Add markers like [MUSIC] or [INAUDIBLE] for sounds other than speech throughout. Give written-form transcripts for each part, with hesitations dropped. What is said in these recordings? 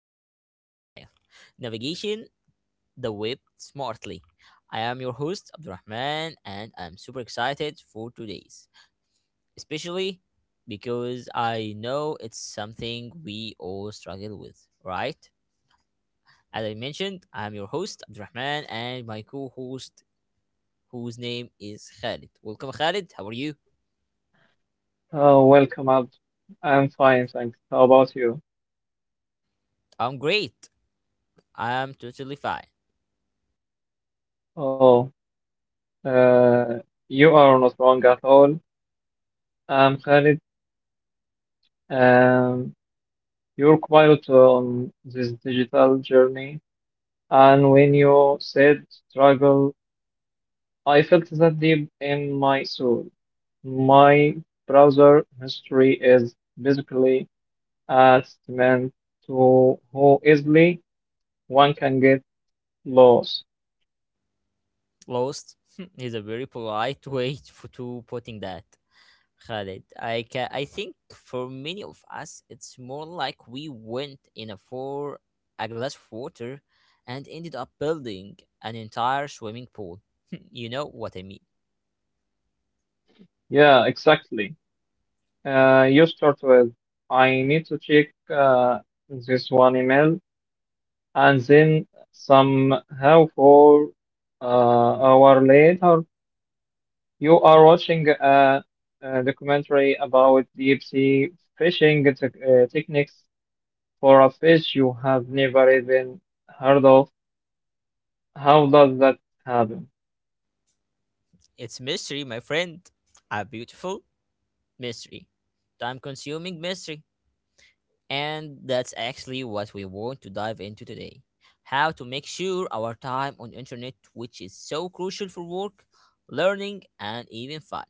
the Digital Nile Navigation, the Web Smartly. I am your host Abdurrahman and I'm super excited for today's, especially because I know it's something we all struggle with, right? As I mentioned, I'm your host Abdurrahman and my co-host whose name is Khalid. Welcome Khalid, how are you? Oh, welcome, Abd. I'm fine, thanks. How about you? I'm great. I'm totally fine. Oh, uh, you are not wrong at all. I'm Khalid. Um, you're quite on this digital journey, and when you said struggle, I felt that deep in my soul. My browser history is basically a testament to how easily one can get lost. Lost [LAUGHS] is a very polite [LAUGHS] way for, to putting that, Khalid. I think for many of us, it's more like we went in a for a glass of water and ended up building an entire swimming pool. [LAUGHS] you know What I mean. Yeah, exactly. You start with, I need to check uh, this one email, and then somehow for hour later, you are watching a documentary about deep sea fishing techniques for a fish you have never even heard of. How does that happen? It's mystery, my friend. A beautiful mystery. Time consuming mystery. And that's actually what we want to dive into today. How to make sure our time on the internet, which is so crucial for work, learning, and even fun,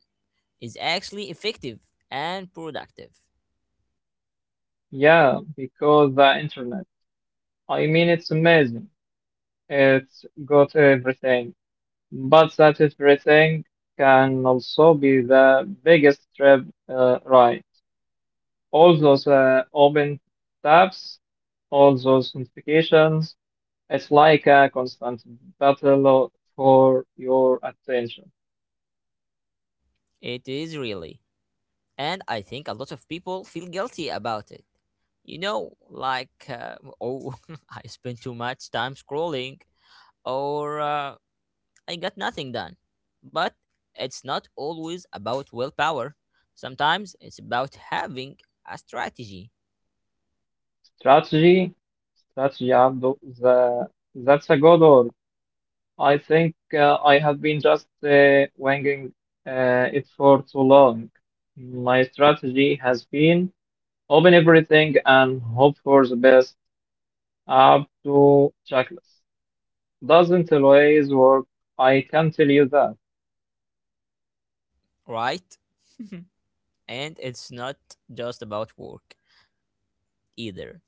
is actually effective and productive. Yeah, because the internet. I mean, it's amazing. It's got everything. But that everything can also be the biggest trip, right? All those open tabs, all those notifications, it's like a constant battle for your attention. It is really. And I think a lot of people feel guilty about it. You know, like, oh, [LAUGHS] I spend too much time scrolling, or I got nothing done. But it's not always about willpower. Sometimes it's about having a strategy, Strategy, strategy, Abdo, that's a good word. I think I have been just winging it for too long. My strategy has been open everything and hope for the best. Up to checklist. Doesn't always work. I can tell you that. right? And it's not just about work either.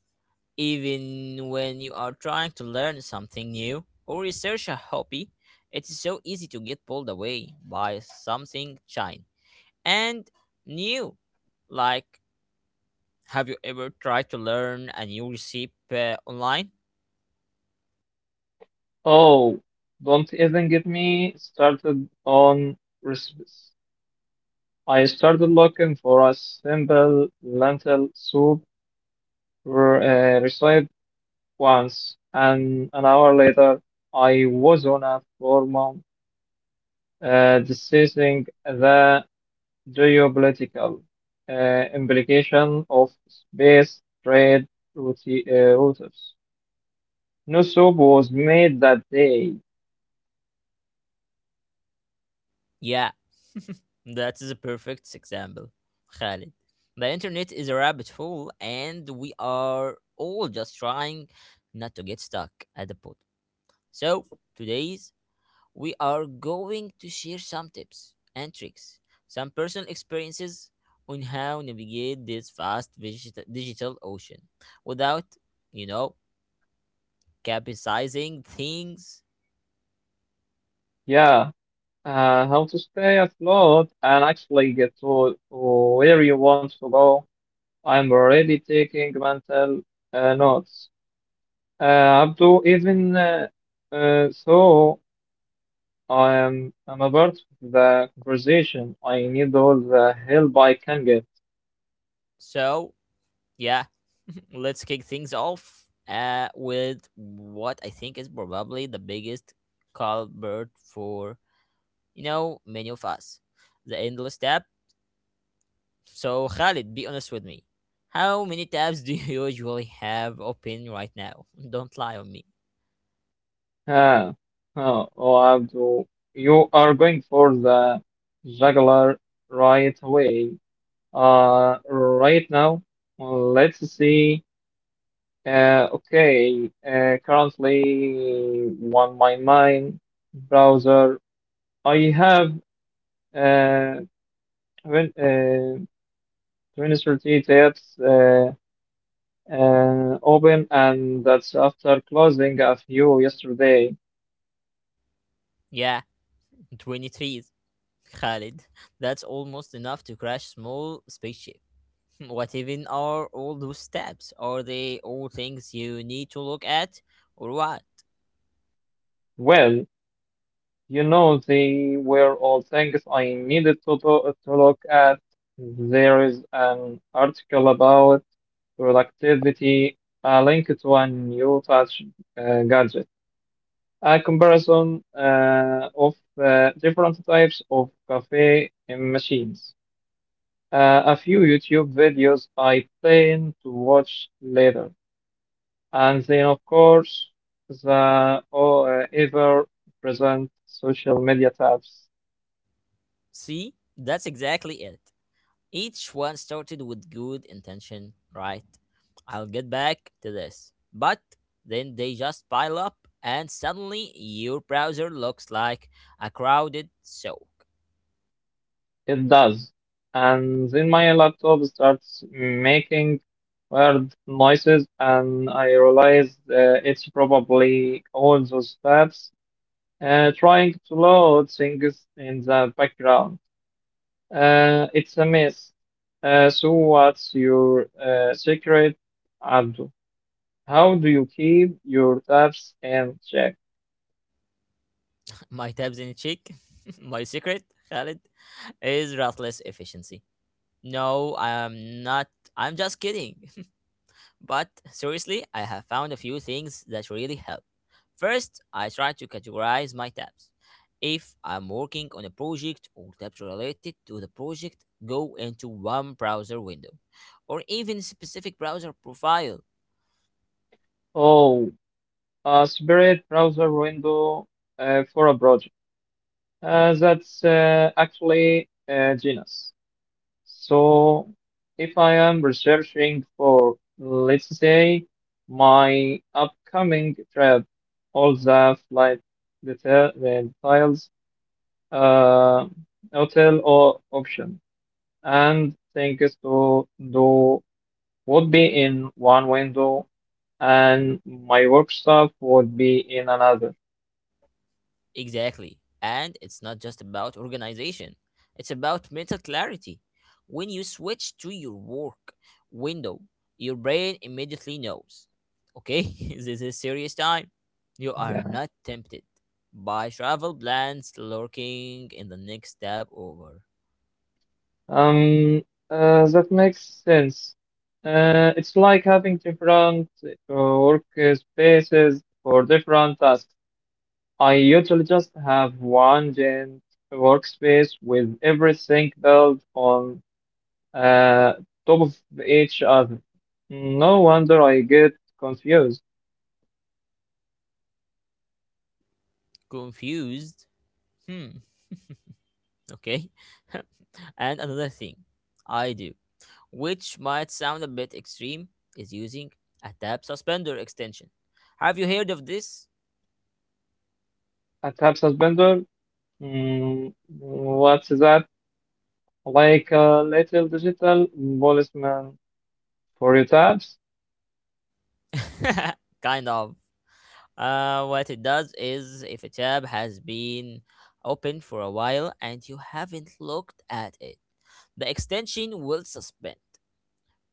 Even when you are trying to learn something new or research a hobby, it's so easy to get pulled away by something shiny and new. Like, have you ever tried to learn a new recipe online? Oh, don't even get me started on recipes. I started looking for a simple lentil soup recipe once, and an hour later, I was on a forum discussing the. Geopolitical implication of space trade routes. No soup was made that day. Yeah, that is a perfect example, Khalid. The internet is a rabbit hole, and we are all just trying not to get stuck at the bottom. So, today's we are going to share some tips and tricks, some personal experiences on how navigate this vast digital ocean without, you know, capsizing things. Yeah, how to stay afloat and actually get to where you want to go. I'm already taking mental notes. Abdu, uh, so, I'm a part of the conversation. I need all the help I can get. So, yeah, [LAUGHS] let's kick things off with what I think is probably the biggest culprit for you know many of us, the endless tab. So Khalid, be honest with me. How many tabs do you [LAUGHS] usually have open right now? [LAUGHS] Don't lie on me. Uh, well, you are going for the jugular right away. Right now, let's see. Okay, currently one my mine browser. I have uh, when 2030 tabs open, and that's after closing a few yesterday. Yeah, 23, Khalid. That's almost enough to crash small spaceship. [LAUGHS] What even are all those tabs? Are they all things you need to look at or what? Well. You know, they were all things I needed to do, to look at. There is an article about productivity, a link to a new touch gadget, a comparison of different types of cafe machines, a few YouTube videos I plan to watch later, and then, of course, the ever present social media tabs. See, that's exactly it. Each one started with good intention, right? I'll get back to this. But then they just pile up, and suddenly your browser looks like a crowded soak. It does. And then my laptop starts making weird noises, and I realize it's probably all those tabs trying to load things in the background. It's a mess. So, what's your secret, Abdul? How do you keep your tabs in check? [LAUGHS] My tabs in cheek, [LAUGHS] my secret, Khalid, is ruthless efficiency. No, I'm not. I'm just kidding. But seriously, I have found a few things that really help. First, I try to categorize my tabs. If I'm working on a project or tabs related to the project, go into one browser window or even specific browser profile. Oh, a separate browser window for a project. That's actually a genus. So if I am researching for, let's say, my upcoming trip, all the flight detail, the details, uh, hotel or option, and things to do would be in one window, and my work stuff would be in another. Exactly. And it's not just about organization, it's about mental clarity. When you switch to your work window, your brain immediately knows okay, [LAUGHS] this is serious time. You are Yeah. not tempted by travel plans lurking in the next step over. Um, that makes sense. It's like having different work spaces for different tasks. I usually just have one giant workspace with everything built on uh, top of each other. No wonder I get confused. Confused? Hmm, okay. [LAUGHS] And another thing I do, which might sound a bit extreme, is using a tab suspender extension. Have you heard of this? A tab suspender? Mm, what's that? Like a little digital policeman for your tabs? [LAUGHS] Kind of. What it does is if a tab has been open for a while and you haven't looked at it, the extension will suspend.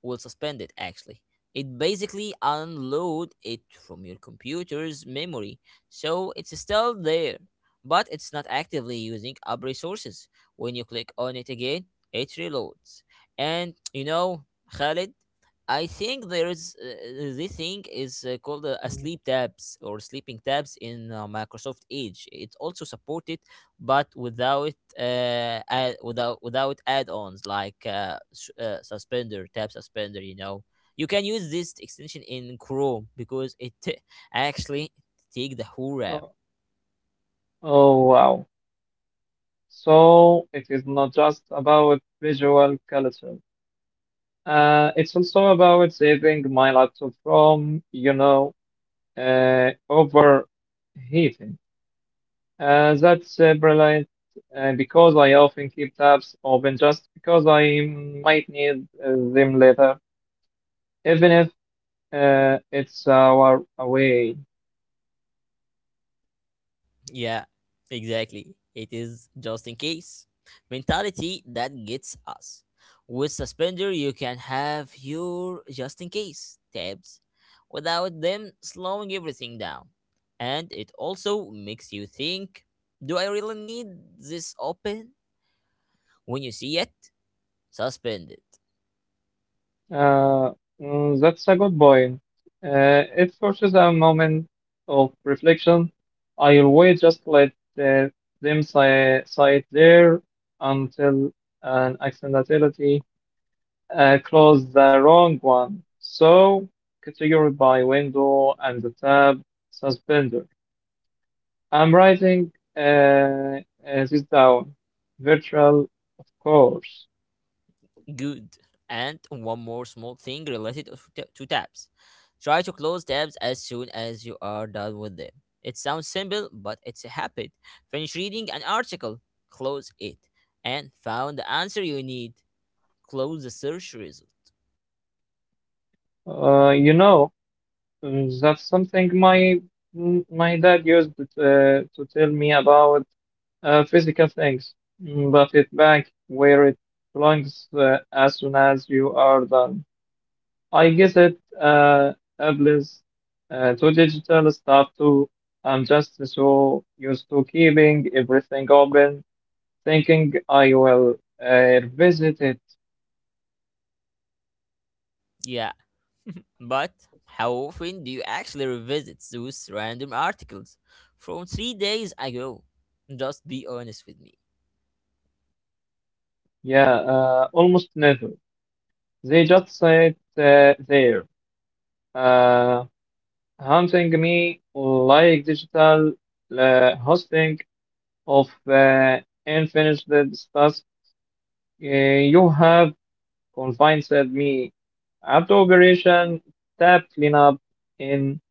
will suspend it. Actually, it basically unload it from your computer's memory, so it's still there, but it's not actively using up resources. When you click on it again, it reloads. And you know, Khalid, I think there is this thing is called a Mm. sleep tabs or sleeping tabs in Microsoft Edge. It also supported, but without without add-ons like suspender, tab suspender, you know, you can use this extension in Chrome because it [LAUGHS] t- actually take the whole RAM. Oh. Oh, wow. So it is not just about visual culture. It's also about saving my laptop from, you know, overheating. That's brilliant because I often keep tabs open just because I might need them later, even if it's our away. Yeah, exactly. It is just in case mentality that gets us. With Suspender, you can have your just in case tabs without them slowing everything down. And it also makes you think, do I really need this open? When you see it, suspend it. Uh, mm, that's a good point. It forces a moment of reflection. I always just let uh, them sit there until an accidentality closed the wrong one. So, category by window and the tab suspender. I'm writing uh, uh, this down. Virtual, of course. Good. And one more small thing related to tabs. Try to close tabs as soon as you are done with them. It sounds simple, but it's a habit. Finish reading an article, close it, and found the answer you need. Close the search result. You know. Mm, that's something my my dad used to tell me about physical things, mm, but it back where it belongs as soon as you are done. I guess it applies to digital stuff too. I'm just so used to keeping everything open, thinking I will revisit it. Yeah, but how often do you actually revisit those random articles from 3 days ago? Just be honest with me. Yeah, almost never. They just say it there. Uh, hunting me like digital hosting of unfinished tasks. You have confined me. After operation, tab cleanup in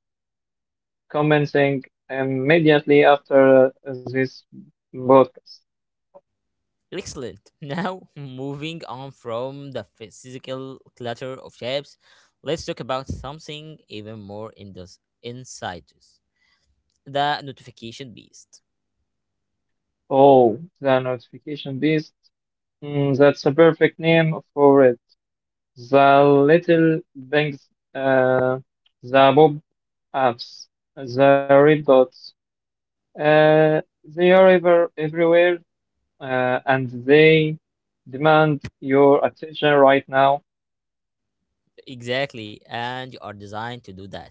commenting immediately after this broadcast. Excellent. Now, [LAUGHS] moving on from the physical clutter of shapes, let's talk about something even more in this insidious, the notification beast. Oh, the notification beast. Mm, that's a perfect name for it. The little things, uh, the bob apps, the red dots. Uh, they are ever everywhere, and they demand your attention right now. Exactly, and you are designed to do that.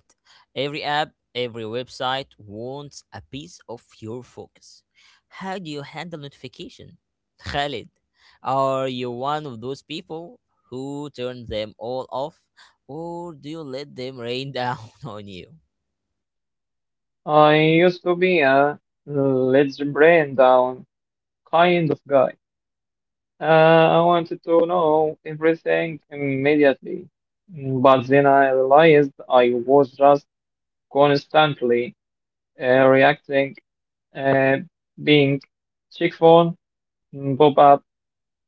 Every app, every website wants a piece of your focus. How do you handle notification? [LAUGHS] Khalid, are you one of those people who turn them all off, or do you let them rain down [LAUGHS] on you? I used to be a let's brain down kind of guy. I wanted to know everything immediately, but then I realized I was just constantly reacting, uh, being check phone, pop up,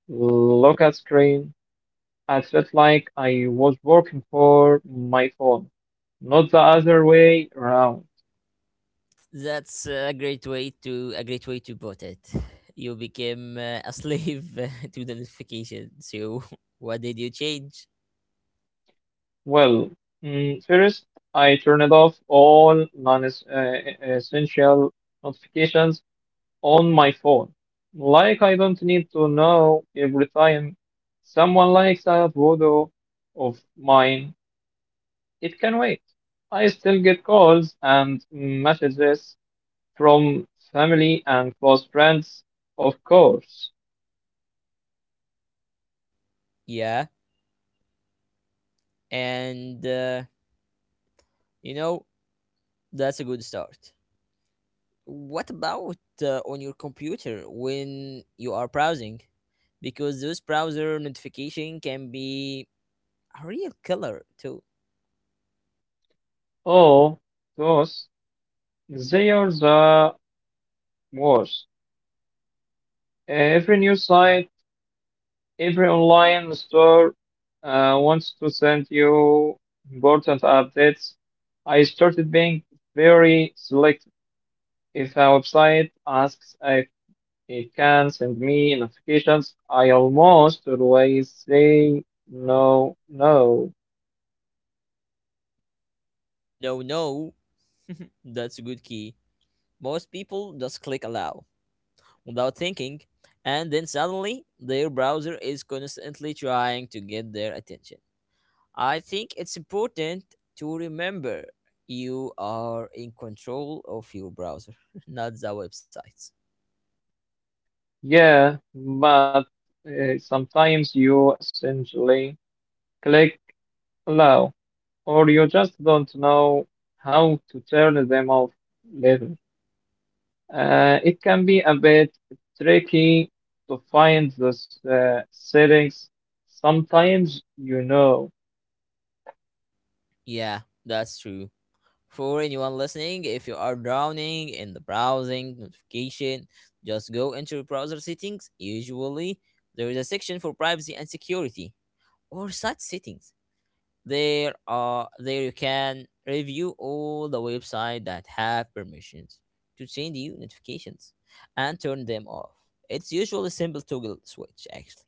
look at screen. I felt like I was working for my phone, not the other way around. That's a great way to a great way to put it. You became a slave [LAUGHS] to the notification. So [LAUGHS] what did you change? Well, mm, first, I turned off all non essential notifications on my phone. Like, I don't need to know every time someone likes a photo of mine, it can wait. I still get calls and messages from family and close friends, of course. Yeah, and you know that's a good start. What about on your computer when you are browsing? Because those browser notification can be a real killer too. Oh, those, they are the worst. Every news site, every online store wants to send you important updates. I started being very selective. If a website asks if it can send me notifications, I almost always say no, no, No, no, [LAUGHS] that's a good key. Most people just click allow without thinking, and then suddenly their browser is constantly trying to get their attention. I think it's important to remember you are in control of your browser, [LAUGHS] not the websites. yeah, but sometimes you essentially click allow. Or you just don't know how to turn them off later. It can be a bit tricky to find those settings. Sometimes you know, Yeah, that's true. For anyone listening, if you are drowning in the browsing notification, just go into your browser settings. Usually, there is a section for privacy and security or site settings. There are there you can review all the website that have permissions to send you notifications and turn them off. It's usually simple toggle switch actually.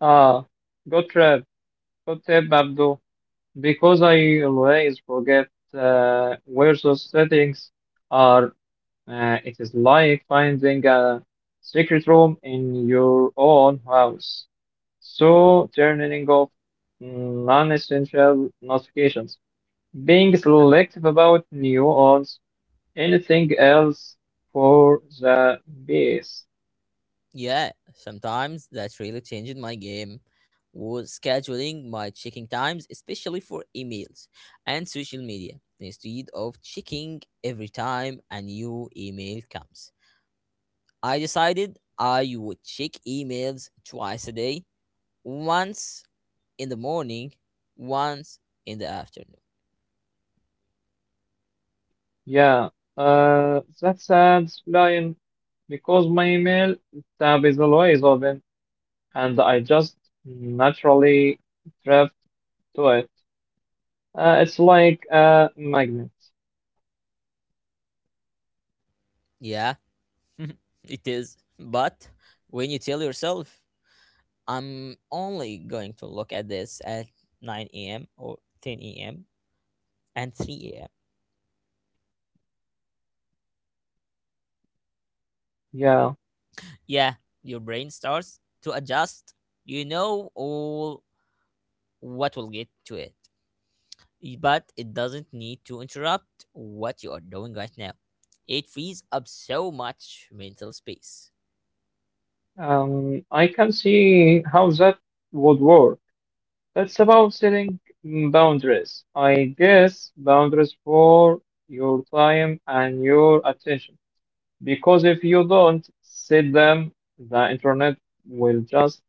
ah, good trip, good tip, Abdul, because I always forget where those settings are. It is like finding a secret room in your own house. So, turning off non-essential notifications, being selective about news, anything else for the base. Yeah, sometimes that's really changed my game was scheduling my checking times, especially for emails and social media. Instead of checking every time a new email comes, I decided I would check emails twice a day, once in the morning, once in the afternoon. Yeah, that's sad, Lion, because my email tab is always open and I just naturally drift to it. It's like a magnet. Yeah, [LAUGHS] it is. But when you tell yourself, I'm only going to look at this at 9 a.m. or 10 a.m. and 3 a.m. Yeah, Yeah, your brain starts to adjust. You know all what will get to it. But it doesn't need to interrupt what you are doing right now. It frees up so much mental space. um, I can see how that would work. It's about setting boundaries. I guess boundaries for your time and your attention. Because if you don't set them, the internet will just,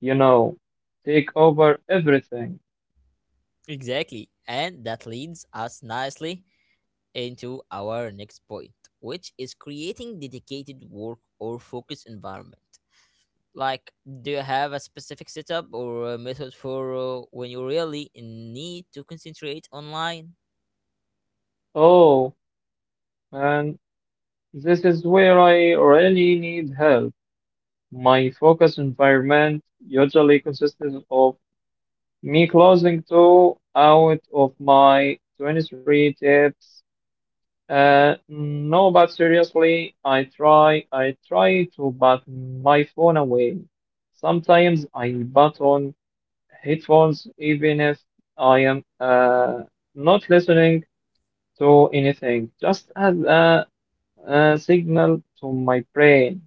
you know, take over everything. Exactly. And that leads us nicely into our next point, which is creating dedicated work or focus environment. Like, do you have a specific setup or a method for when you really need to concentrate online? Oh, man, this is where I really need help. My focus environment usually consists of me closing two out of my 23 tips. No, but seriously, I try to put my phone away. Sometimes I put on headphones even if I am not listening to anything, just as a signal to my brain.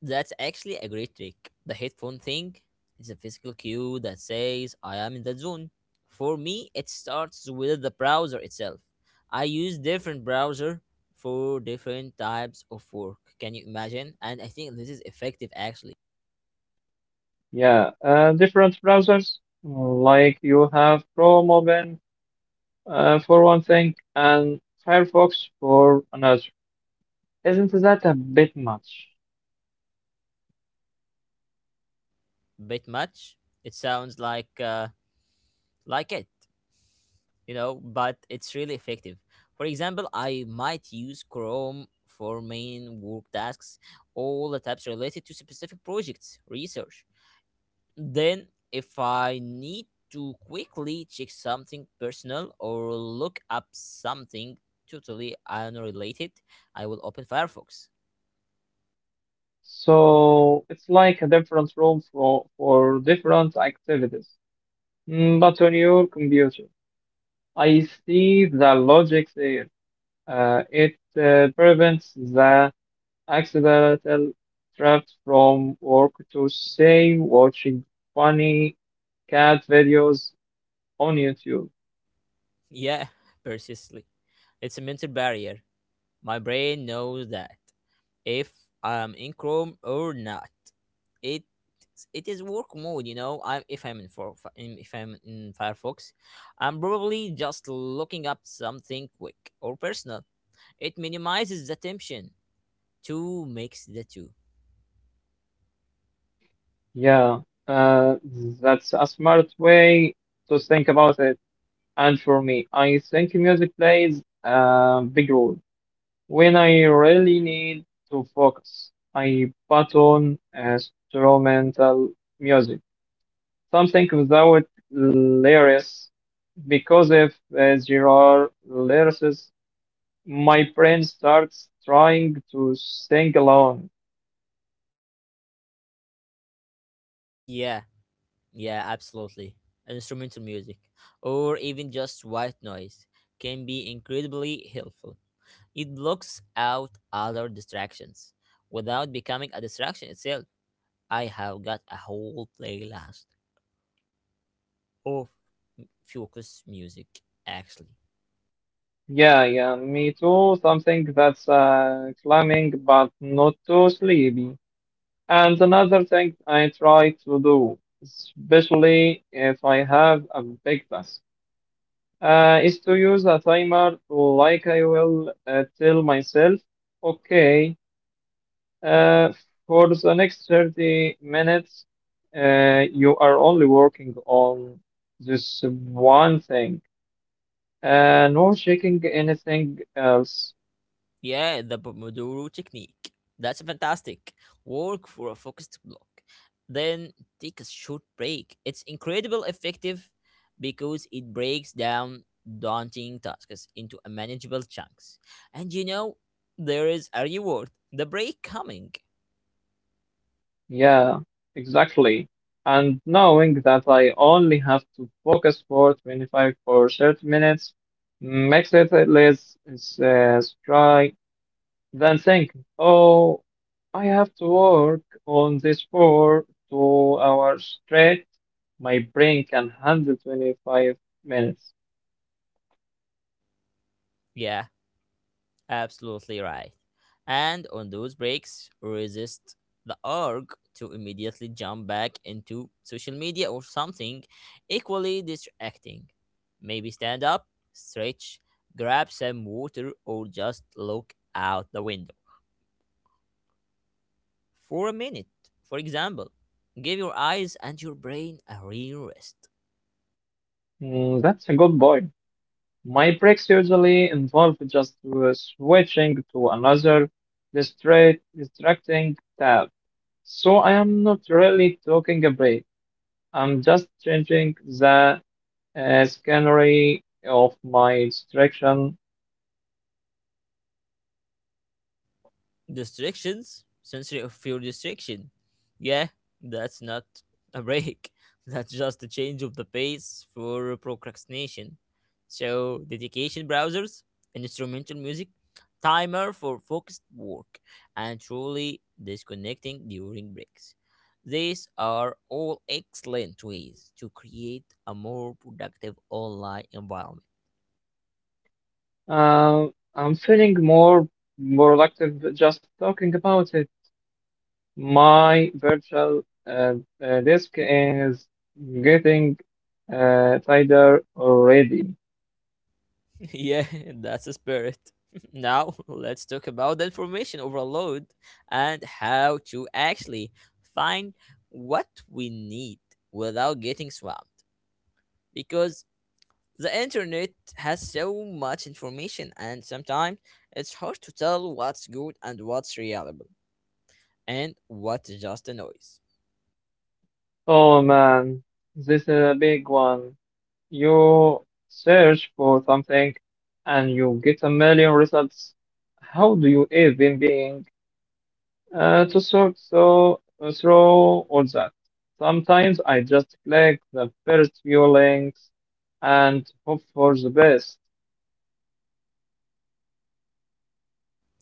That's actually a great trick. The headphone thing is a physical cue that says I am in the zone. For me, it starts with the browser itself. I use different browser for different types of work. Can you imagine? And I think this is effective actually. Yeah, different browsers, like you have Chrome open for one thing and Firefox for another. Isn't that a bit much? Bit much. It sounds like it, you know, but it's really effective. For example, I might use Chrome for main work tasks, all the tabs related to specific projects, research. Then, if I need to quickly check something personal or look up something totally unrelated, I will open Firefox. [LAUGHS] So it's like a different room for different activities. Mm, but on your computer, I see the logic there. It prevents the accidental trapped from work to say watching funny cat videos on YouTube. Yeah, precisely. It's a mental barrier. My brain knows that if I'm in Chrome or not, it it is work mode. You know, I if I'm in for in- if I'm in Firefox, I'm probably just looking up something quick or personal. It minimizes the tension. Two makes the two. Yeah, uh, that's a smart way to think about it. And for me, I think music plays a big role. When I really need to focus, I put on instrumental music, something without lyrics, because if there are lyrics, my brain starts trying to sing along. Yeah, yeah, absolutely. Instrumental music, or even just white noise, can be incredibly helpful. It blocks out other distractions without becoming a distraction itself. I have got a whole playlist of focus music, actually. Yeah, yeah, me too. Something that's climbing but not too sleepy. And another thing I try to do, especially if I have a big task. Is to use a timer like I will tell myself, okay, uh, for the next 30 minutes, you are only working on this one thing, no checking anything else. Yeah, the Pomodoro technique. That's fantastic. Work for a focused block, then take a short break. It's incredibly effective because it breaks down daunting tasks into a manageable chunks. And you know, there is a reward the break coming. Yeah, exactly. And knowing that I only have to focus for 25 or 30 minutes makes it less stressful than think, oh, I have to work on this for 2 hours straight. My brain can handle 25 minutes. Yeah, absolutely right. And on those breaks, resist the urge to immediately jump back into social media or something equally distracting. Maybe stand up, stretch, grab some water, or just look out the window for a minute, for example. Give your eyes and your brain a real rest. Mm, that's a good point. My breaks usually involve just switching to another distracting tab. So I am not really taking a break. I'm just changing the scenery of my distraction. Distractions? Sensory of pure distraction. Yeah, that's not a break. [LAUGHS] That's just a change of the pace for procrastination. So, dedication browsers, instrumental music, timer for focused work, and truly disconnecting during breaks. These are all excellent ways to create a more productive online environment. Uh, I'm feeling more productive just talking about it. My virtual uh, disk is getting tighter already. [LAUGHS] Yeah, that's the spirit. [LAUGHS] Now, let's talk about the information overload and how to actually find what we need without getting swamped. Because the internet has so much information, and sometimes it's hard to tell what's good and what's reliable, and what's just a noise Oh man, this is a big one. You search for something and you get a million results. How do you even begin? Through all that, sometimes I just click the first few links and hope for the best.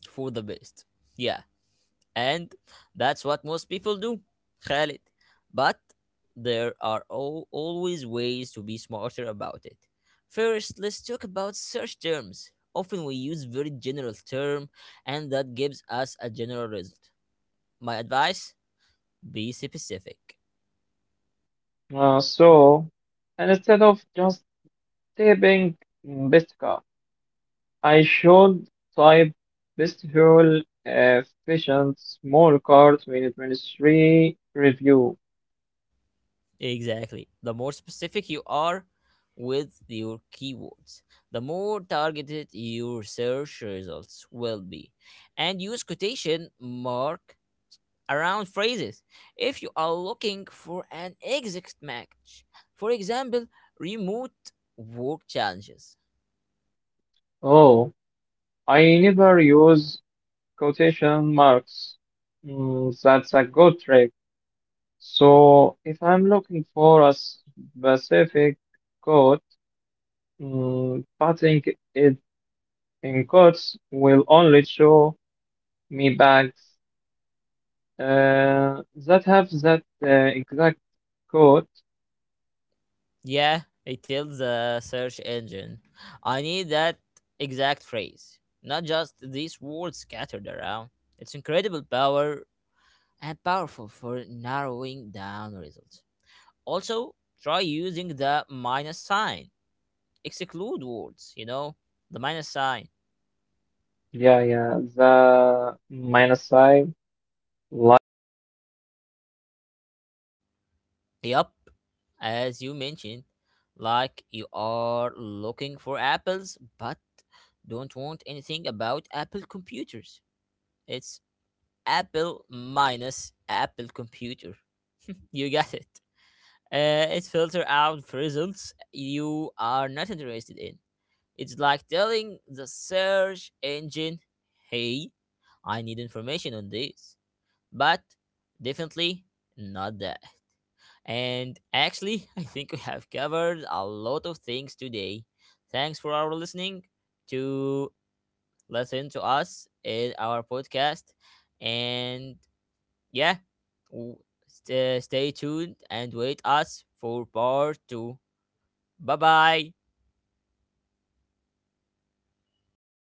for the best. Yeah, and that's what most people do, Khalid. But there are always ways to be smarter about it. First, let's talk about search terms. Often we use very general term and that gives us a general result. My advice, be specific. So, instead of just typing best car, I should type best fuel efficient small car 2023 review. Exactly. The more specific you are with your keywords, the more targeted your search results will be. And use quotation mark around phrases. If you are looking for an exact match, for example, remote work challenges. Oh, I never use quotation marks. Mm, that's a good trick. So if I'm looking for a specific code, mm, putting it in codes will only show me bags uh, that have that exact code. Yeah, it tells the search engine, I need that exact phrase, not just these words scattered around. It's incredible power and powerful for narrowing down results. Also, try using the minus sign. Exclude words, you know, the minus sign. Yeah, yeah, the minus sign. Like if I'm looking for others but Yup, don't want as you anything mentioned, about Apple like you computers. are looking for So apples but Apple's don't Apple want anything about computers. Apple computers. It's Apple minus Apple computer. You get it. It So filter out the results result you are you not are interested not in. It's like interested telling in. the search Uh, engine, "Hey, it's like I need telling information on the this," search but engine, definitely not that. "Hi, I need And information on actually, [LAUGHS] I this," think we but have covered a definitely lot of things not that. today. Thanks for our listening Uh, to these are listen like to us secret in our codes podcast. And for yeah, the internet. w- I feel like I stay am tuned and learning a wait new us language. for part 2. This would Bye-bye. have saved me so much time